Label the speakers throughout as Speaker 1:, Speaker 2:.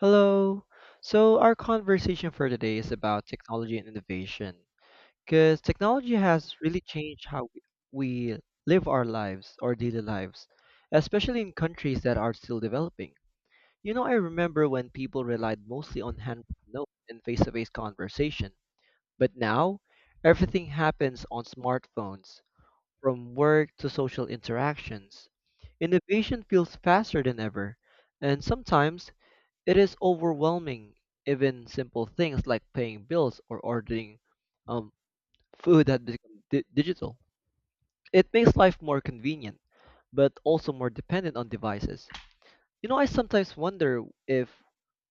Speaker 1: Hello. So, our conversation for today is about technology and innovation because technology has really changed how we live our lives, our daily lives, especially in countries that are still developing. You know, I remember when people relied mostly on handwritten notes and face-to-face conversation, but now everything happens on smartphones, from work to social interactions. Innovation feels faster than ever, and sometimes it is overwhelming, even simple things like paying bills or ordering um, food that become digital. It makes life more convenient, but also more dependent on devices. You know, I sometimes wonder if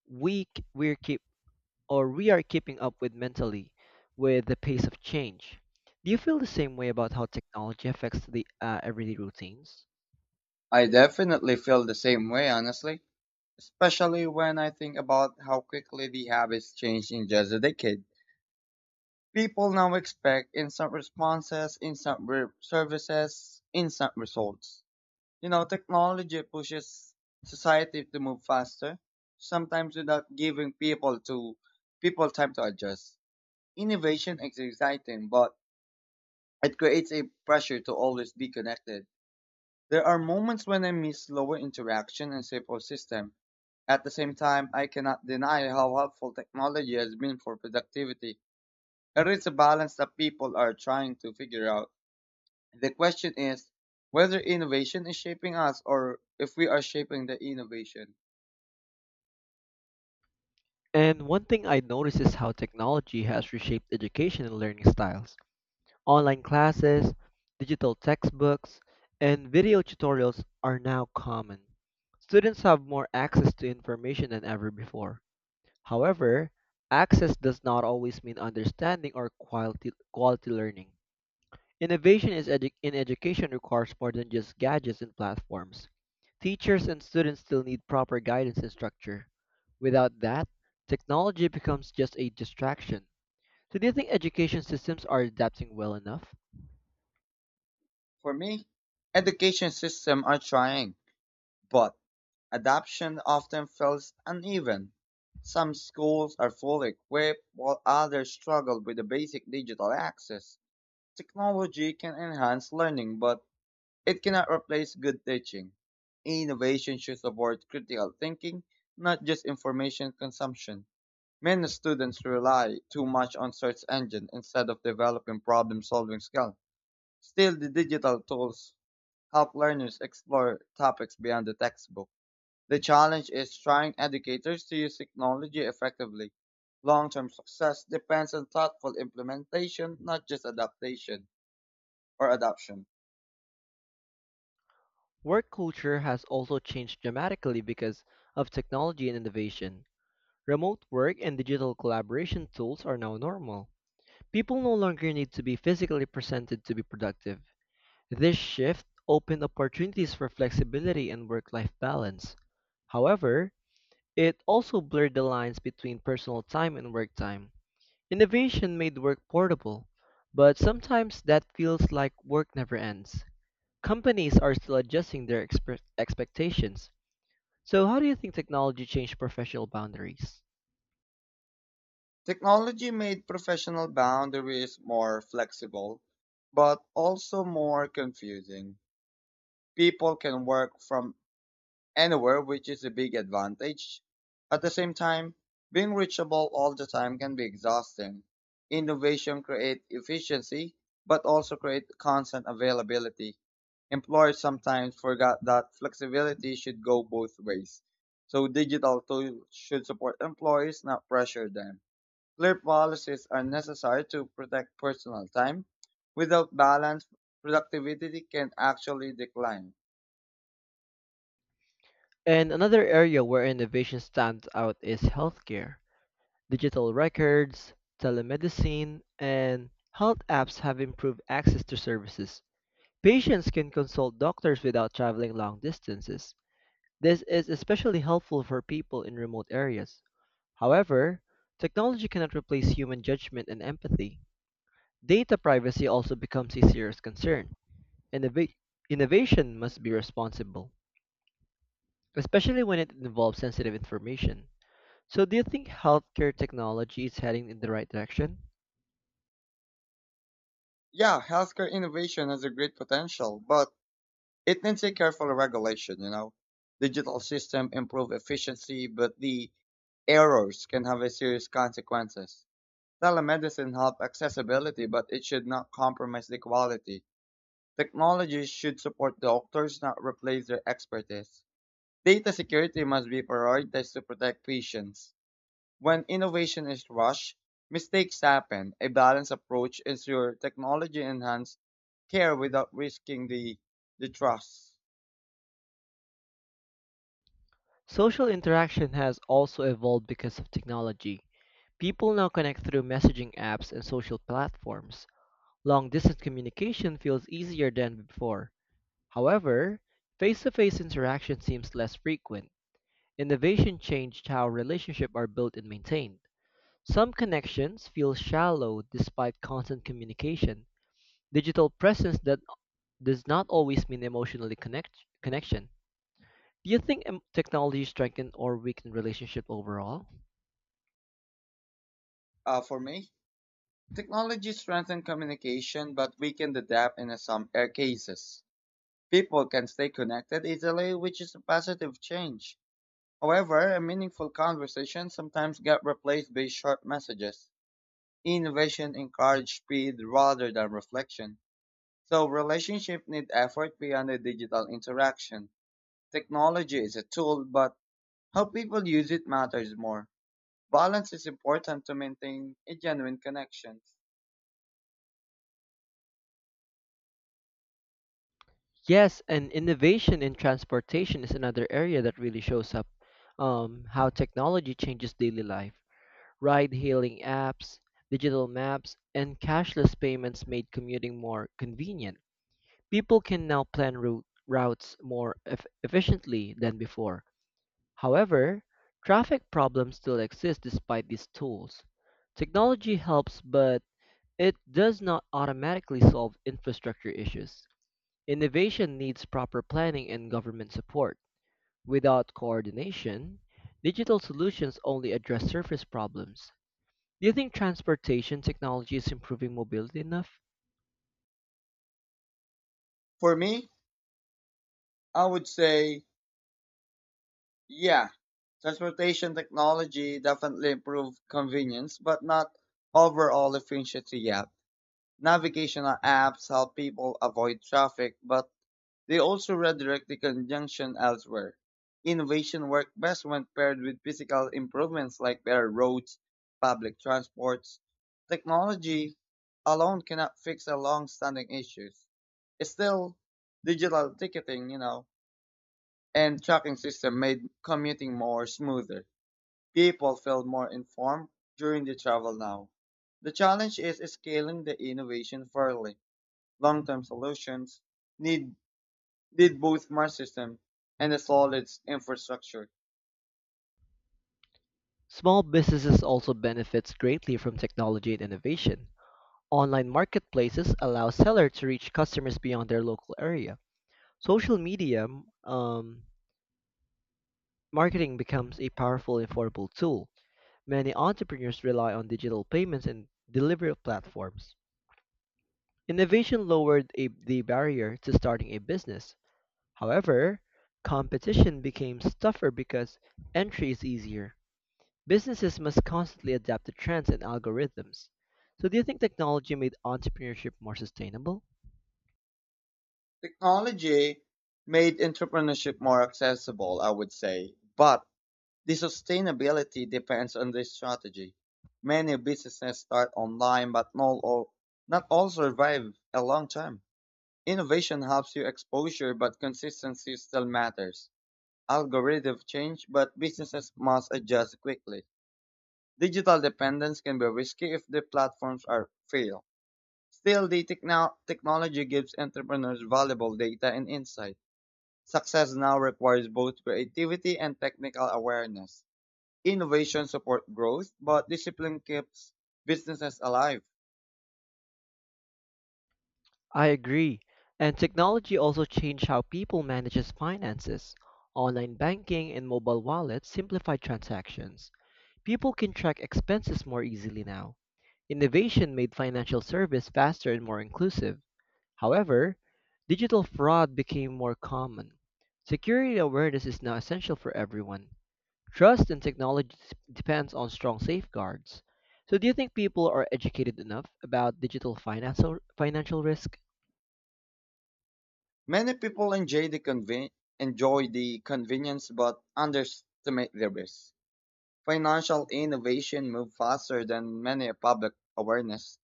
Speaker 1: we k- we're keep or we are keeping up with mentally with the pace of change. Do you feel the same way about how technology affects the everyday routines?
Speaker 2: I definitely feel the same way, honestly, especially when I think about how quickly the habits changed in just a decade. People now expect instant responses, services, instant results. You know, technology pushes society to move faster, sometimes without giving people time to adjust. Innovation is exciting, but it creates a pressure to always be connected. There are moments when I miss slower interaction and simple system. At the same time, I cannot deny how helpful technology has been for productivity. It is a balance that people are trying to figure out. The question is whether innovation is shaping us or if we are shaping the innovation.
Speaker 1: And one thing I notice is how technology has reshaped education and learning styles. Online classes, digital textbooks, and video tutorials are now common. Students have more access to information than ever before. However, access does not always mean understanding or quality learning. Innovation is in education requires more than just gadgets and platforms. Teachers and students still need proper guidance and structure. Without that, technology becomes just a distraction. So, do you think education systems are adapting well enough?
Speaker 2: For me, education systems are trying, but adoption often feels uneven. Some schools are fully equipped while others struggle with the basic digital access. Technology can enhance learning, but it cannot replace good teaching. Innovation should support critical thinking, not just information consumption. Many students rely too much on search engine instead of developing problem solving skills. Still, the digital tools help learners explore topics beyond the textbook. The challenge is trying educators to use technology effectively. Long-term success depends on thoughtful implementation, not just adaptation or adoption.
Speaker 1: Work culture has also changed dramatically because of technology and innovation. Remote work and digital collaboration tools are now normal. People no longer need to be physically presented to be productive. This shift opened opportunities for flexibility and work life balance. However, it also blurred the lines between personal time and work time. Innovation made work portable, but sometimes that feels like work never ends. Companies are still adjusting their expectations. So, how do you think technology changed professional boundaries?
Speaker 2: Technology made professional boundaries more flexible, but also more confusing. People can work from anywhere, which is a big advantage. At the same time, being reachable all the time can be exhausting. Innovation creates efficiency, but also creates constant availability. Employers sometimes forgot that flexibility should go both ways. So digital tools should support employees, not pressure them. Clear policies are necessary to protect personal time. Without balance, productivity can actually decline.
Speaker 1: And another area where innovation stands out is healthcare. Digital records, telemedicine, and health apps have improved access to services. Patients can consult doctors without traveling long distances. This is especially helpful for people in remote areas. However, technology cannot replace human judgment and empathy. Data privacy also becomes a serious concern. Innova- Innovation must be responsible, especially when it involves sensitive information. So, do you think healthcare technology is heading in the right direction?
Speaker 2: Yeah, healthcare innovation has a great potential, but it needs a careful regulation. Digital system improve efficiency, but the errors can have a serious consequences. Telemedicine help accessibility, but it should not compromise the quality. Technology should support doctors, not replace their expertise. Data security must be prioritized to protect patients. When innovation is rushed, mistakes happen. A balanced approach ensures technology enhanced care without risking the trust.
Speaker 1: Social interaction has also evolved because of technology. People now connect through messaging apps and social platforms. Long distance communication feels easier than before. However, face to face interaction seems less frequent. Innovation changed how relationships are built and maintained. Some connections feel shallow despite constant communication. Digital presence that does not always mean emotionally connection. Do you think technology strengthen or weaken relationship overall?
Speaker 2: For me, technology strengthens communication but weakens the depth in some cases. People can stay connected easily, which is a positive change. However, a meaningful conversation sometimes get replaced by short messages. Innovation encourages speed rather than reflection. So relationships need effort beyond the digital interaction. Technology is a tool, but how people use it matters more. Balance is important to maintain a genuine connection.
Speaker 1: Yes, and innovation in transportation is another area that really shows up how technology changes daily life. Ride hailing apps, digital maps, and cashless payments made commuting more convenient. People can now plan routes more efficiently than before. However, traffic problems still exist despite these tools. Technology helps, but it does not automatically solve infrastructure issues. Innovation needs proper planning and government support. Without coordination, digital solutions only address surface problems. Do you think transportation technology is improving mobility enough?
Speaker 2: For me, I would say, yeah, transportation technology definitely improved convenience, but not overall efficiency yet. Navigational apps help people avoid traffic, but they also redirect the conjunction elsewhere. Innovation works best when paired with physical improvements like better roads, public transports. Technology alone cannot fix the long-standing issues. Still, digital ticketing and tracking system made commuting more smoother. People feel more informed during the travel now. The challenge is scaling the innovation fairly. Long-term solutions need did both my system and a solid infrastructure.
Speaker 1: Small businesses also benefits greatly from technology and innovation. Online marketplaces allow sellers to reach customers beyond their local area. Social media um, marketing becomes a powerful and affordable tool. Many entrepreneurs rely on digital payments and delivery platforms. Innovation lowered the barrier to starting a business. However, competition became tougher because entry is easier. Businesses must constantly adapt to trends and algorithms. So, do you think technology made entrepreneurship more sustainable?
Speaker 2: Technology made entrepreneurship more accessible, I would say, but the sustainability depends on the strategy. Many businesses start online, but not all survive a long time. Innovation helps you exposure, but consistency still matters. Algorithm change, but businesses must adjust quickly. Digital dependence can be risky if the platforms are fail. Still, the technology gives entrepreneurs valuable data and insight. Success now requires both creativity and technical awareness. Innovation supports growth, but discipline keeps businesses alive.
Speaker 1: I agree. And technology also changed how people manages finances. Online banking and mobile wallets simplify transactions. People can track expenses more easily now. Innovation made financial service faster and more inclusive. However, digital fraud became more common. Security awareness is now essential for everyone. Trust in technology depends on strong safeguards. So, do you think people are educated enough about digital financial risk?
Speaker 2: Many people enjoy the convenience but underestimate the risk. Financial innovation moves faster than many public awareness.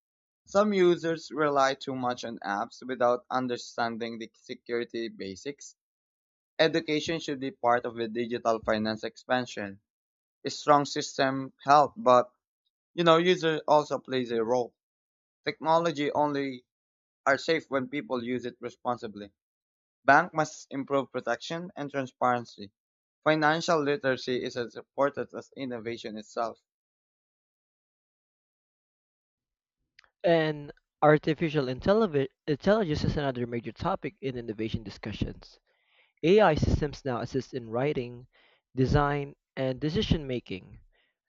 Speaker 2: Some users rely too much on apps without understanding the security basics. Education should be part of the digital finance expansion. A strong system help, but user also plays a role. Technology only are safe when people use it responsibly. Bank must improve protection and transparency. Financial literacy is as important as innovation itself.
Speaker 1: And artificial intelligence is another major topic in innovation discussions. AI systems now assist in writing, design, and decision making.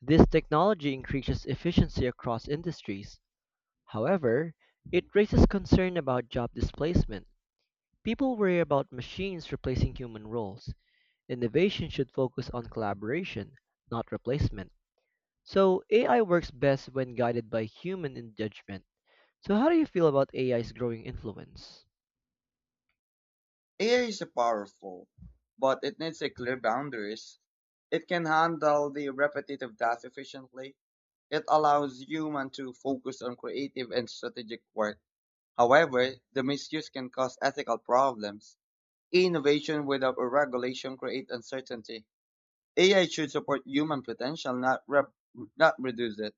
Speaker 1: This technology increases efficiency across industries. However, it raises concern about job displacement. People worry about machines replacing human roles. Innovation should focus on collaboration, not replacement. So, AI works best when guided by human in judgment. So, how do you feel about AI's growing influence?
Speaker 2: AI is powerful, but it needs a clear boundaries. It can handle the repetitive tasks efficiently. It allows human to focus on creative and strategic work. However, the misuse can cause ethical problems. Innovation without a regulation creates uncertainty. AI should support human potential, not reduce it.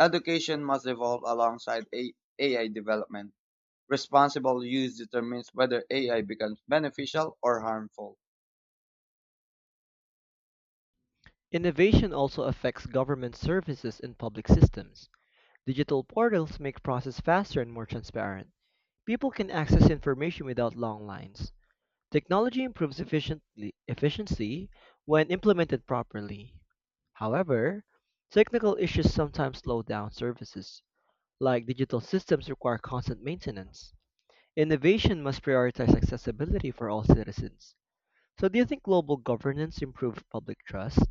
Speaker 2: Education must evolve alongside AI development. Responsible use determines whether AI becomes beneficial or harmful.
Speaker 1: Innovation also affects government services and public systems. Digital portals make process faster and more transparent. People can access information without long lines. Technology improves efficiency when implemented properly. However, technical issues sometimes slow down services, like digital systems require constant maintenance. Innovation must prioritize accessibility for all citizens. So do you think global governance improves public trust?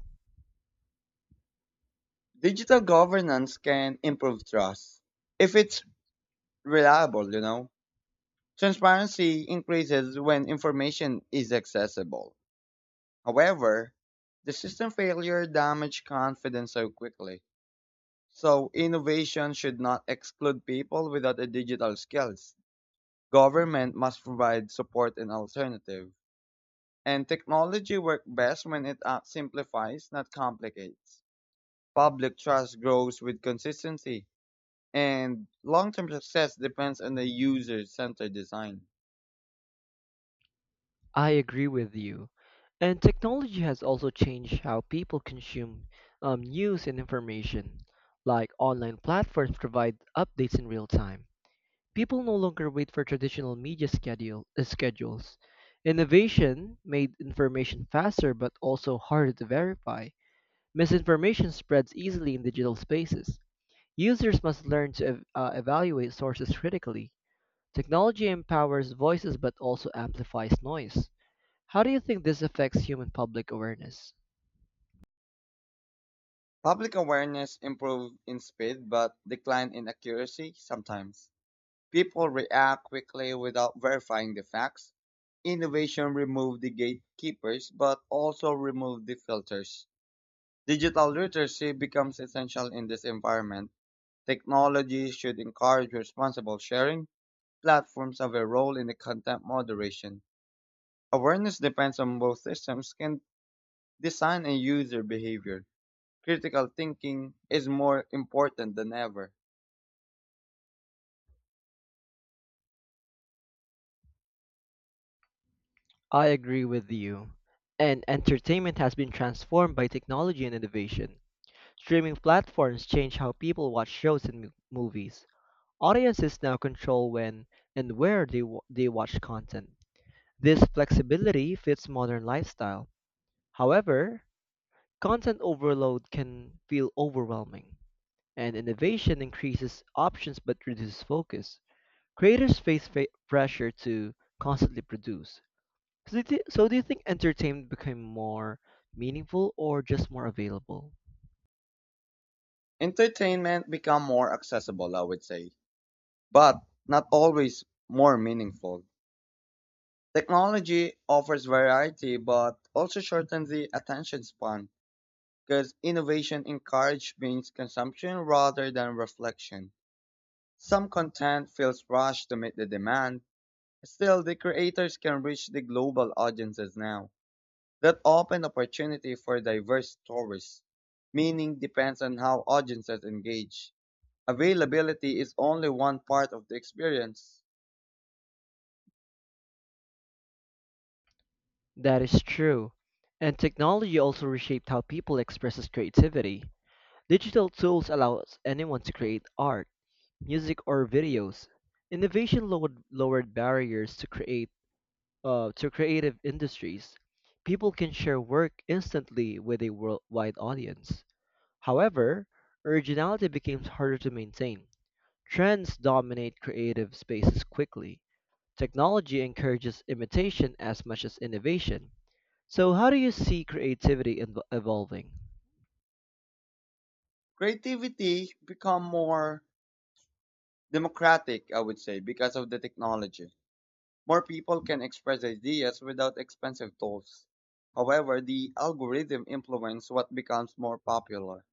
Speaker 2: Digital governance can improve trust if it's reliable. Transparency increases when information is accessible. However, the system failure damaged confidence so quickly. So innovation should not exclude people without the digital skills. Government must provide support and alternative. And technology works best when it simplifies, not complicates. Public trust grows with consistency, and long-term success depends on the user-centered design.
Speaker 1: I agree with you. And technology has also changed how people consume news and information. Like online platforms provide updates in real time. People no longer wait for traditional media schedules. Innovation made information faster but also harder to verify. Misinformation spreads easily in digital spaces. Users must learn to evaluate sources critically. Technology empowers voices but also amplifies noise. How do you think this affects human public awareness?
Speaker 2: Public awareness improves in speed but decline in accuracy sometimes. People react quickly without verifying the facts. Innovation removed the gatekeepers but also removed the filters. Digital literacy becomes essential in this environment. Technology should encourage responsible sharing. Platforms have a role in the content moderation. Awareness depends on both systems can design and user behavior. Critical thinking is more important than ever.
Speaker 1: I agree with you. And entertainment has been transformed by technology and innovation. Streaming platforms change how people watch shows and movies. Audiences now control when and where they watch content. This flexibility fits modern lifestyle. However, content overload can feel overwhelming. And innovation increases options but reduces focus. Creators face pressure to constantly produce. So do you think entertainment became more meaningful or just more available?
Speaker 2: Entertainment become more accessible, I would say, but not always more meaningful. Technology offers variety but also shortens the attention span because innovation encourages means consumption rather than reflection. Some content feels rushed to meet the demand, still the creators can reach the global audiences now. That open opportunity for diverse stories. Meaning depends on how audiences engage. Availability is only one part of the experience.
Speaker 1: That is true. And technology also reshaped how people expresses creativity. Digital tools allows anyone to create art, music or videos. Innovation lowered barriers to create to creative industries, people can share work instantly with a worldwide audience. However, originality becomes harder to maintain. Trends dominate creative spaces quickly. Technology encourages imitation as much as innovation. So, how do you see creativity evolving?
Speaker 2: Creativity become more democratic, I would say, because of the technology. More people can express ideas without expensive tools. However, the algorithm influence what becomes more popular.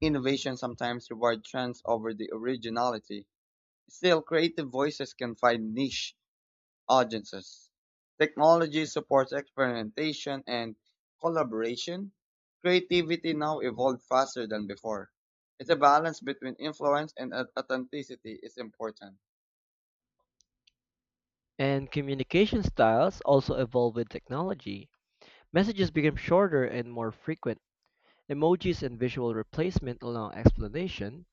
Speaker 2: Innovation sometimes reward trends over the originality. Still, creative voices can find niche audiences. Technology supports experimentation and collaboration. Creativity now evolves faster than before. It's a balance between influence and authenticity is important.
Speaker 1: And communication styles also evolve with technology. Messages become shorter and more frequent. Emojis and visual replacement allow explanation,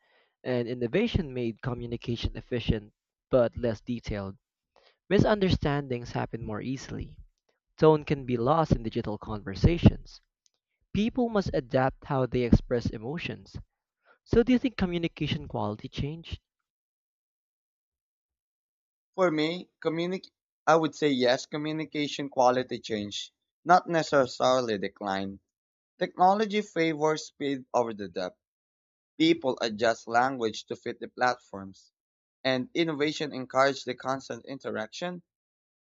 Speaker 1: and innovation made communication efficient but less detailed. Misunderstandings happen more easily. Tone can be lost in digital conversations. People must adapt how they express emotions. So, do you think communication quality changed?
Speaker 2: For me, communic- I would say yes, communication quality change, not necessarily decline. Technology favors speed over the depth. People adjust language to fit the platforms, and innovation encourages the constant interaction.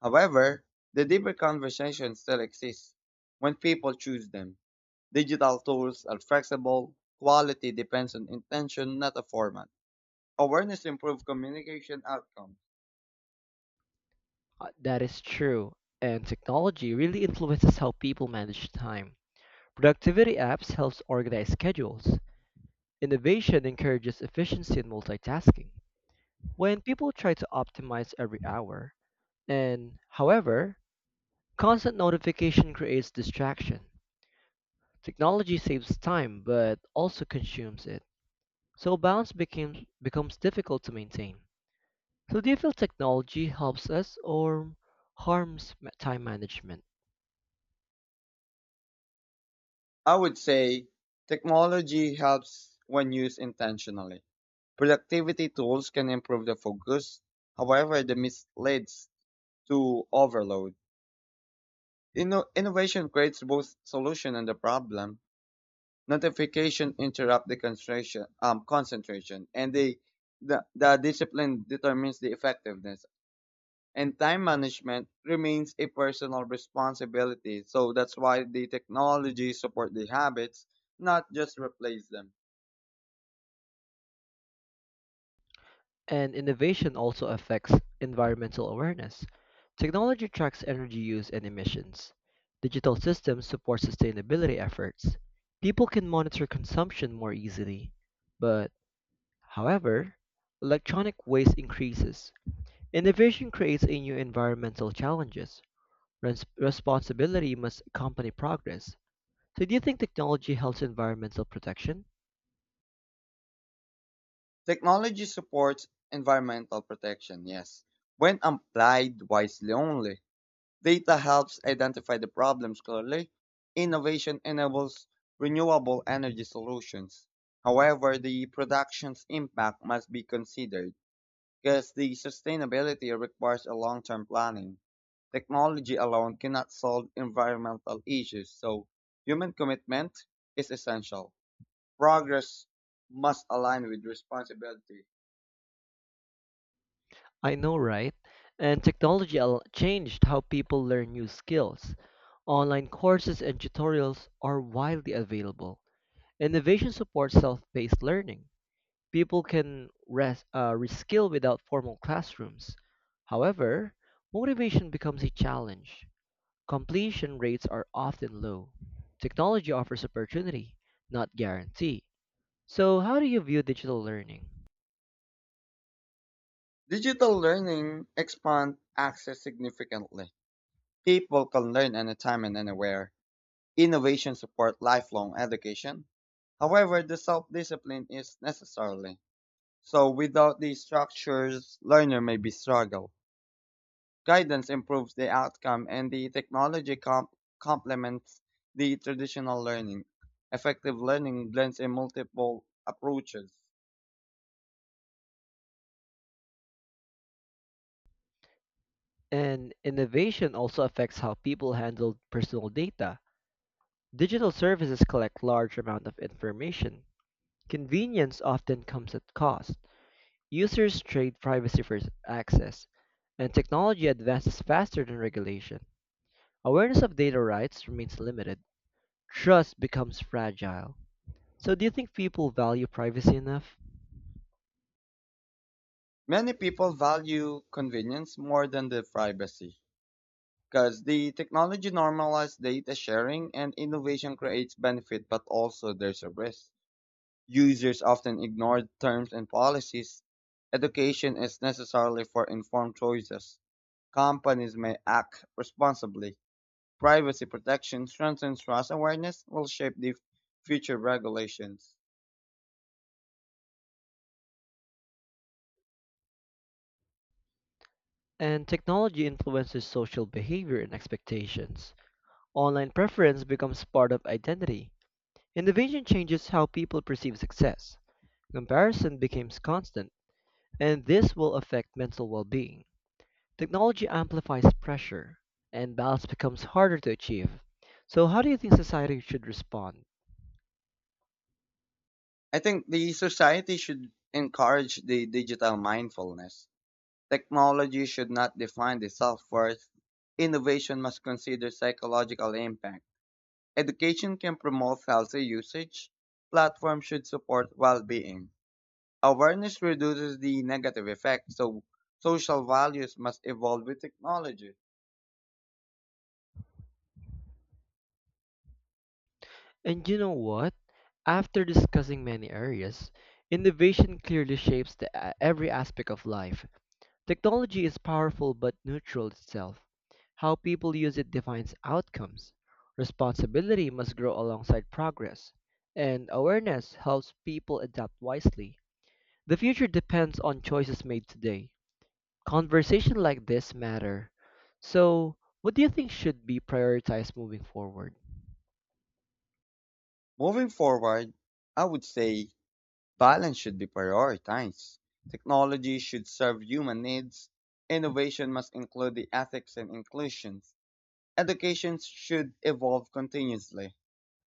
Speaker 2: However, the deeper conversation still exists when people choose them. Digital tools are flexible, quality depends on intention, not a format. Awareness improves communication outcomes.
Speaker 1: That is true, and technology really influences how people manage time. Productivity apps helps organize schedules. Innovation encourages efficiency and multitasking. When people try to optimize every hour, and however, constant notification creates distraction. Technology saves time but also consumes it. So balance becomes difficult to maintain. So do you feel technology helps us or harms time management?
Speaker 2: I would say technology helps when used intentionally. Productivity tools can improve the focus, however, the misleads to overload. Innovation creates both solution and the problem. Notification interrupt the concentration, and the discipline determines the effectiveness. And time management remains a personal responsibility. So that's why the technology support the habits, not just replace them.
Speaker 1: And innovation also affects environmental awareness. Technology tracks energy use and emissions. Digital systems support sustainability efforts. People can monitor consumption more easily. But, However, electronic waste increases. Innovation creates a new environmental challenges. Responsibility must accompany progress. So, do you think technology helps environmental protection?
Speaker 2: Technology supports environmental protection, yes, when applied wisely only. Data helps identify the problems clearly. Innovation enables renewable energy solutions. However, the production's impact must be considered because the sustainability requires a long-term planning. Technology alone cannot solve environmental issues, so human commitment is essential. Progress must align with responsibility.
Speaker 1: I know, right? And technology changed how people learn new skills. Online courses and tutorials are widely available. Innovation supports self-paced learning. People can reskill without formal classrooms. However, motivation becomes a challenge. Completion rates are often low. Technology offers opportunity, not guarantee. So, how do you view digital learning?
Speaker 2: Digital learning expands access significantly. People can learn anytime and anywhere. Innovation support lifelong education. However, the self-discipline is necessary. So without these structures, learner may be struggle. Guidance improves the outcome and the technology complements the traditional learning. Effective learning blends in multiple approaches.
Speaker 1: And innovation also affects how people handle personal data. Digital services collect large amount of information. Convenience often comes at cost. Users trade privacy for access, and technology advances faster than regulation. Awareness of data rights remains limited. Trust becomes fragile. So do you think people value privacy enough?
Speaker 2: Many people value convenience more than the privacy because the technology normalizes data sharing and innovation creates benefit but also there's a risk. Users often ignore the terms and policies. Education is necessary for informed choices. Companies may act responsibly. Privacy protection strengthens trust awareness will shape the future regulations.
Speaker 1: And technology influences social behavior and expectations. Online preference becomes part of identity. Innovation changes how people perceive success. Comparison becomes constant, and this will affect mental well being. Technology amplifies pressure, and balance becomes harder to achieve. So, how do you think society should respond?
Speaker 2: I think the society should encourage the digital mindfulness. Technology should not define the self-worth. Innovation must consider psychological impact. Education can promote healthy usage. Platforms should support well-being. Awareness reduces the negative effect, so social values must evolve with technology.
Speaker 1: And you know what? After discussing many areas, innovation clearly shapes every aspect of life. Technology is powerful but neutral itself. How people use it defines outcomes. Responsibility must grow alongside progress, and awareness helps people adapt wisely. The future depends on choices made today. Conversation like this matter. So, what do you think should be prioritized moving forward?
Speaker 2: Moving forward, I would say balance should be prioritized. Technology should serve human needs. Innovation must include the ethics and inclusions. Education should evolve continuously.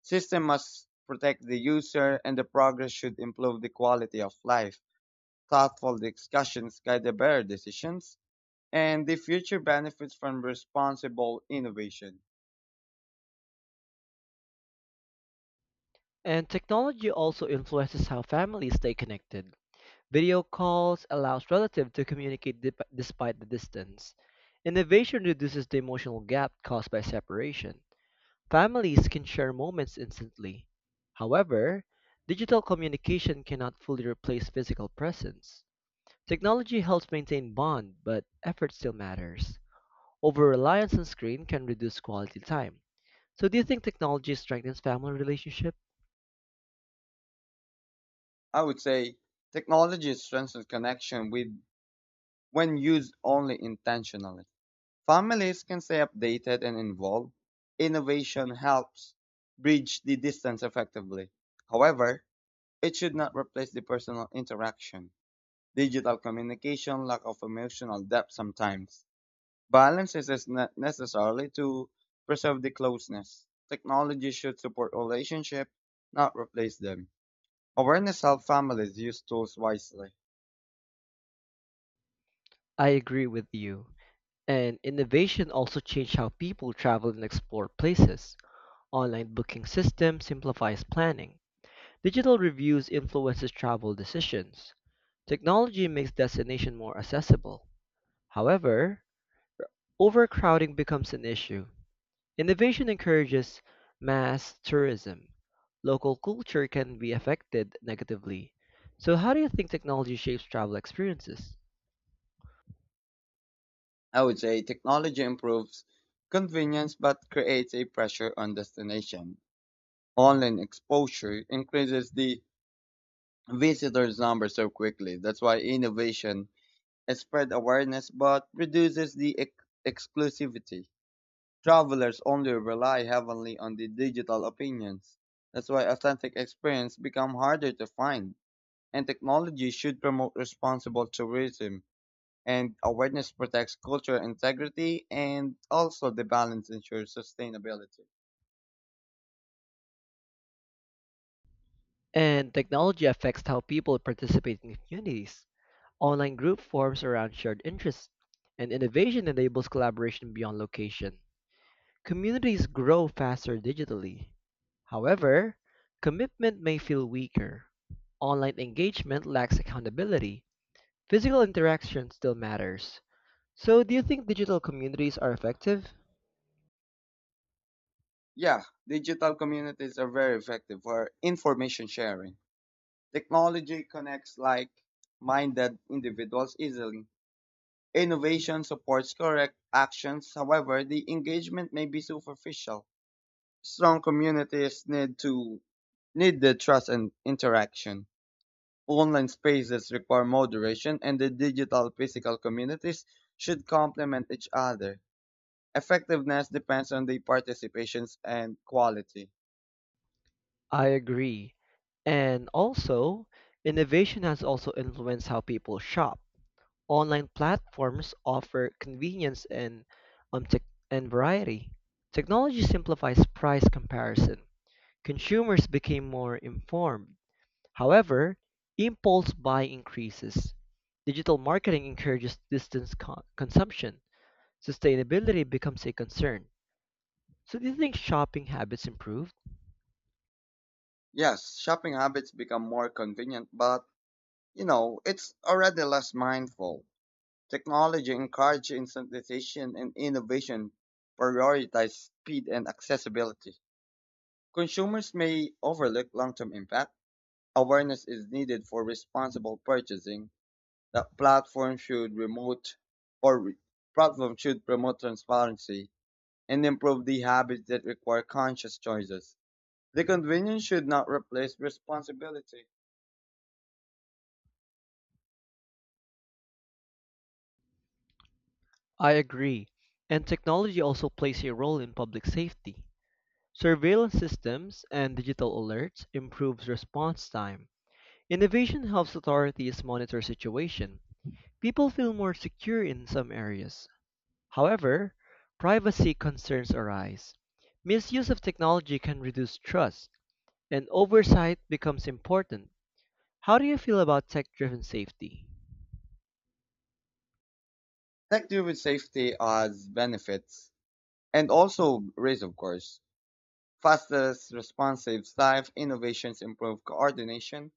Speaker 2: System must protect the user and the progress should improve the quality of life. Thoughtful discussions guide the better decisions and the future benefits from responsible innovation.
Speaker 1: And technology also influences how families stay connected. Video calls allows relatives to communicate despite the distance. Innovation reduces the emotional gap caused by separation. Families can share moments instantly. However, digital communication cannot fully replace physical presence. Technology helps maintain bond, but effort still matters. Over-reliance on screen can reduce quality time. So do you think technology strengthens family relationship?
Speaker 2: I would say technology strengthens connection with when used only intentionally. Families can stay updated and involved. Innovation helps bridge the distance effectively. However, it should not replace the personal interaction. Digital communication lack of emotional depth sometimes. Balance is necessary to preserve the closeness. Technology should support relationships, not replace them. Awareness helps families use tools wisely.
Speaker 1: I agree with you. And innovation also changed how people travel and explore places. Online booking systems simplifies planning. Digital reviews influences travel decisions. Technology makes destination more accessible. However, overcrowding becomes an issue. Innovation encourages mass tourism. Local culture can be affected negatively. So how do you think technology shapes travel experiences?
Speaker 2: I would say technology improves convenience but creates a pressure on destination. Online exposure increases the visitors' number so quickly. That's why innovation spread awareness but reduces the exclusivity. Travelers only rely heavily on the digital opinions. That's why authentic experience become harder to find. And technology should promote responsible tourism. And awareness protects cultural integrity and also the balance ensures sustainability.
Speaker 1: And technology affects how people participate in communities. Online group forms around shared interests, and innovation enables collaboration beyond location. Communities grow faster digitally. However, commitment may feel weaker. Online engagement lacks accountability. Physical interaction still matters. So, do you think digital communities are effective?
Speaker 2: Yeah, digital communities are very effective for information sharing. Technology connects like minded individuals easily. Innovation supports correct actions, however, the engagement may be superficial. Strong communities need the trust and interaction. Online spaces require moderation, and the digital physical communities should complement each other. Effectiveness depends on the participations and quality.
Speaker 1: I agree. And also, innovation has also influenced how people shop. Online platforms offer convenience and, tech and variety. Technology simplifies price comparison. Consumers became more informed. However, impulse buy increases. Digital marketing encourages distance consumption. Sustainability becomes a concern. So, do you think shopping habits improved?
Speaker 2: Yes, shopping habits become more convenient, but you know, it's already less mindful. Technology encourages incentivization and innovation, prioritize speed and accessibility. Consumers may overlook long-term impact. Awareness is needed for responsible purchasing. The platform should promote, or re- Platforms should promote transparency and improve the habits that require conscious choices. The convenience should not replace responsibility.
Speaker 1: I agree. And technology also plays a role in public safety. Surveillance systems and digital alerts improves response time. Innovation helps authorities monitor situation. People feel more secure in some areas. However, privacy concerns arise. Misuse of technology can reduce trust, and oversight becomes important. How do you feel about tech-driven safety?
Speaker 2: Tech driven safety has benefits and also risks, of course. Fastest responsive life innovations improve coordination.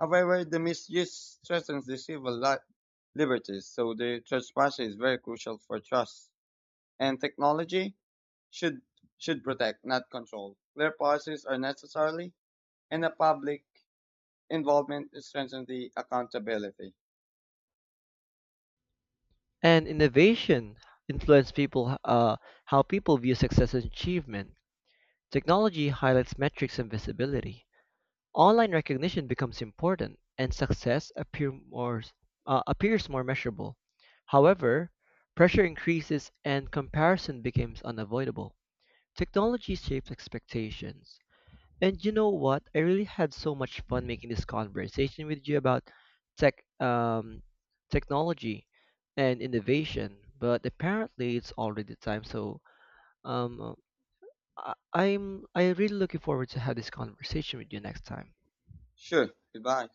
Speaker 2: However, the misuse threatens the liberties, so the transparency is very crucial for trust. And technology should should protect, not control. Clear policies are necessary, and the public involvement strengthens the accountability.
Speaker 1: And innovation influence people how people view success and achievement. Technology highlights metrics and visibility. Online recognition becomes important, and success appears more measurable. However, pressure increases and comparison becomes unavoidable. Technology shapes expectations. And you know what? I really had so much fun making this conversation with you about tech, um, technology and innovation, but apparently it's already time. So, um, I really looking forward to have this conversation with you next time.
Speaker 2: Sure. Goodbye.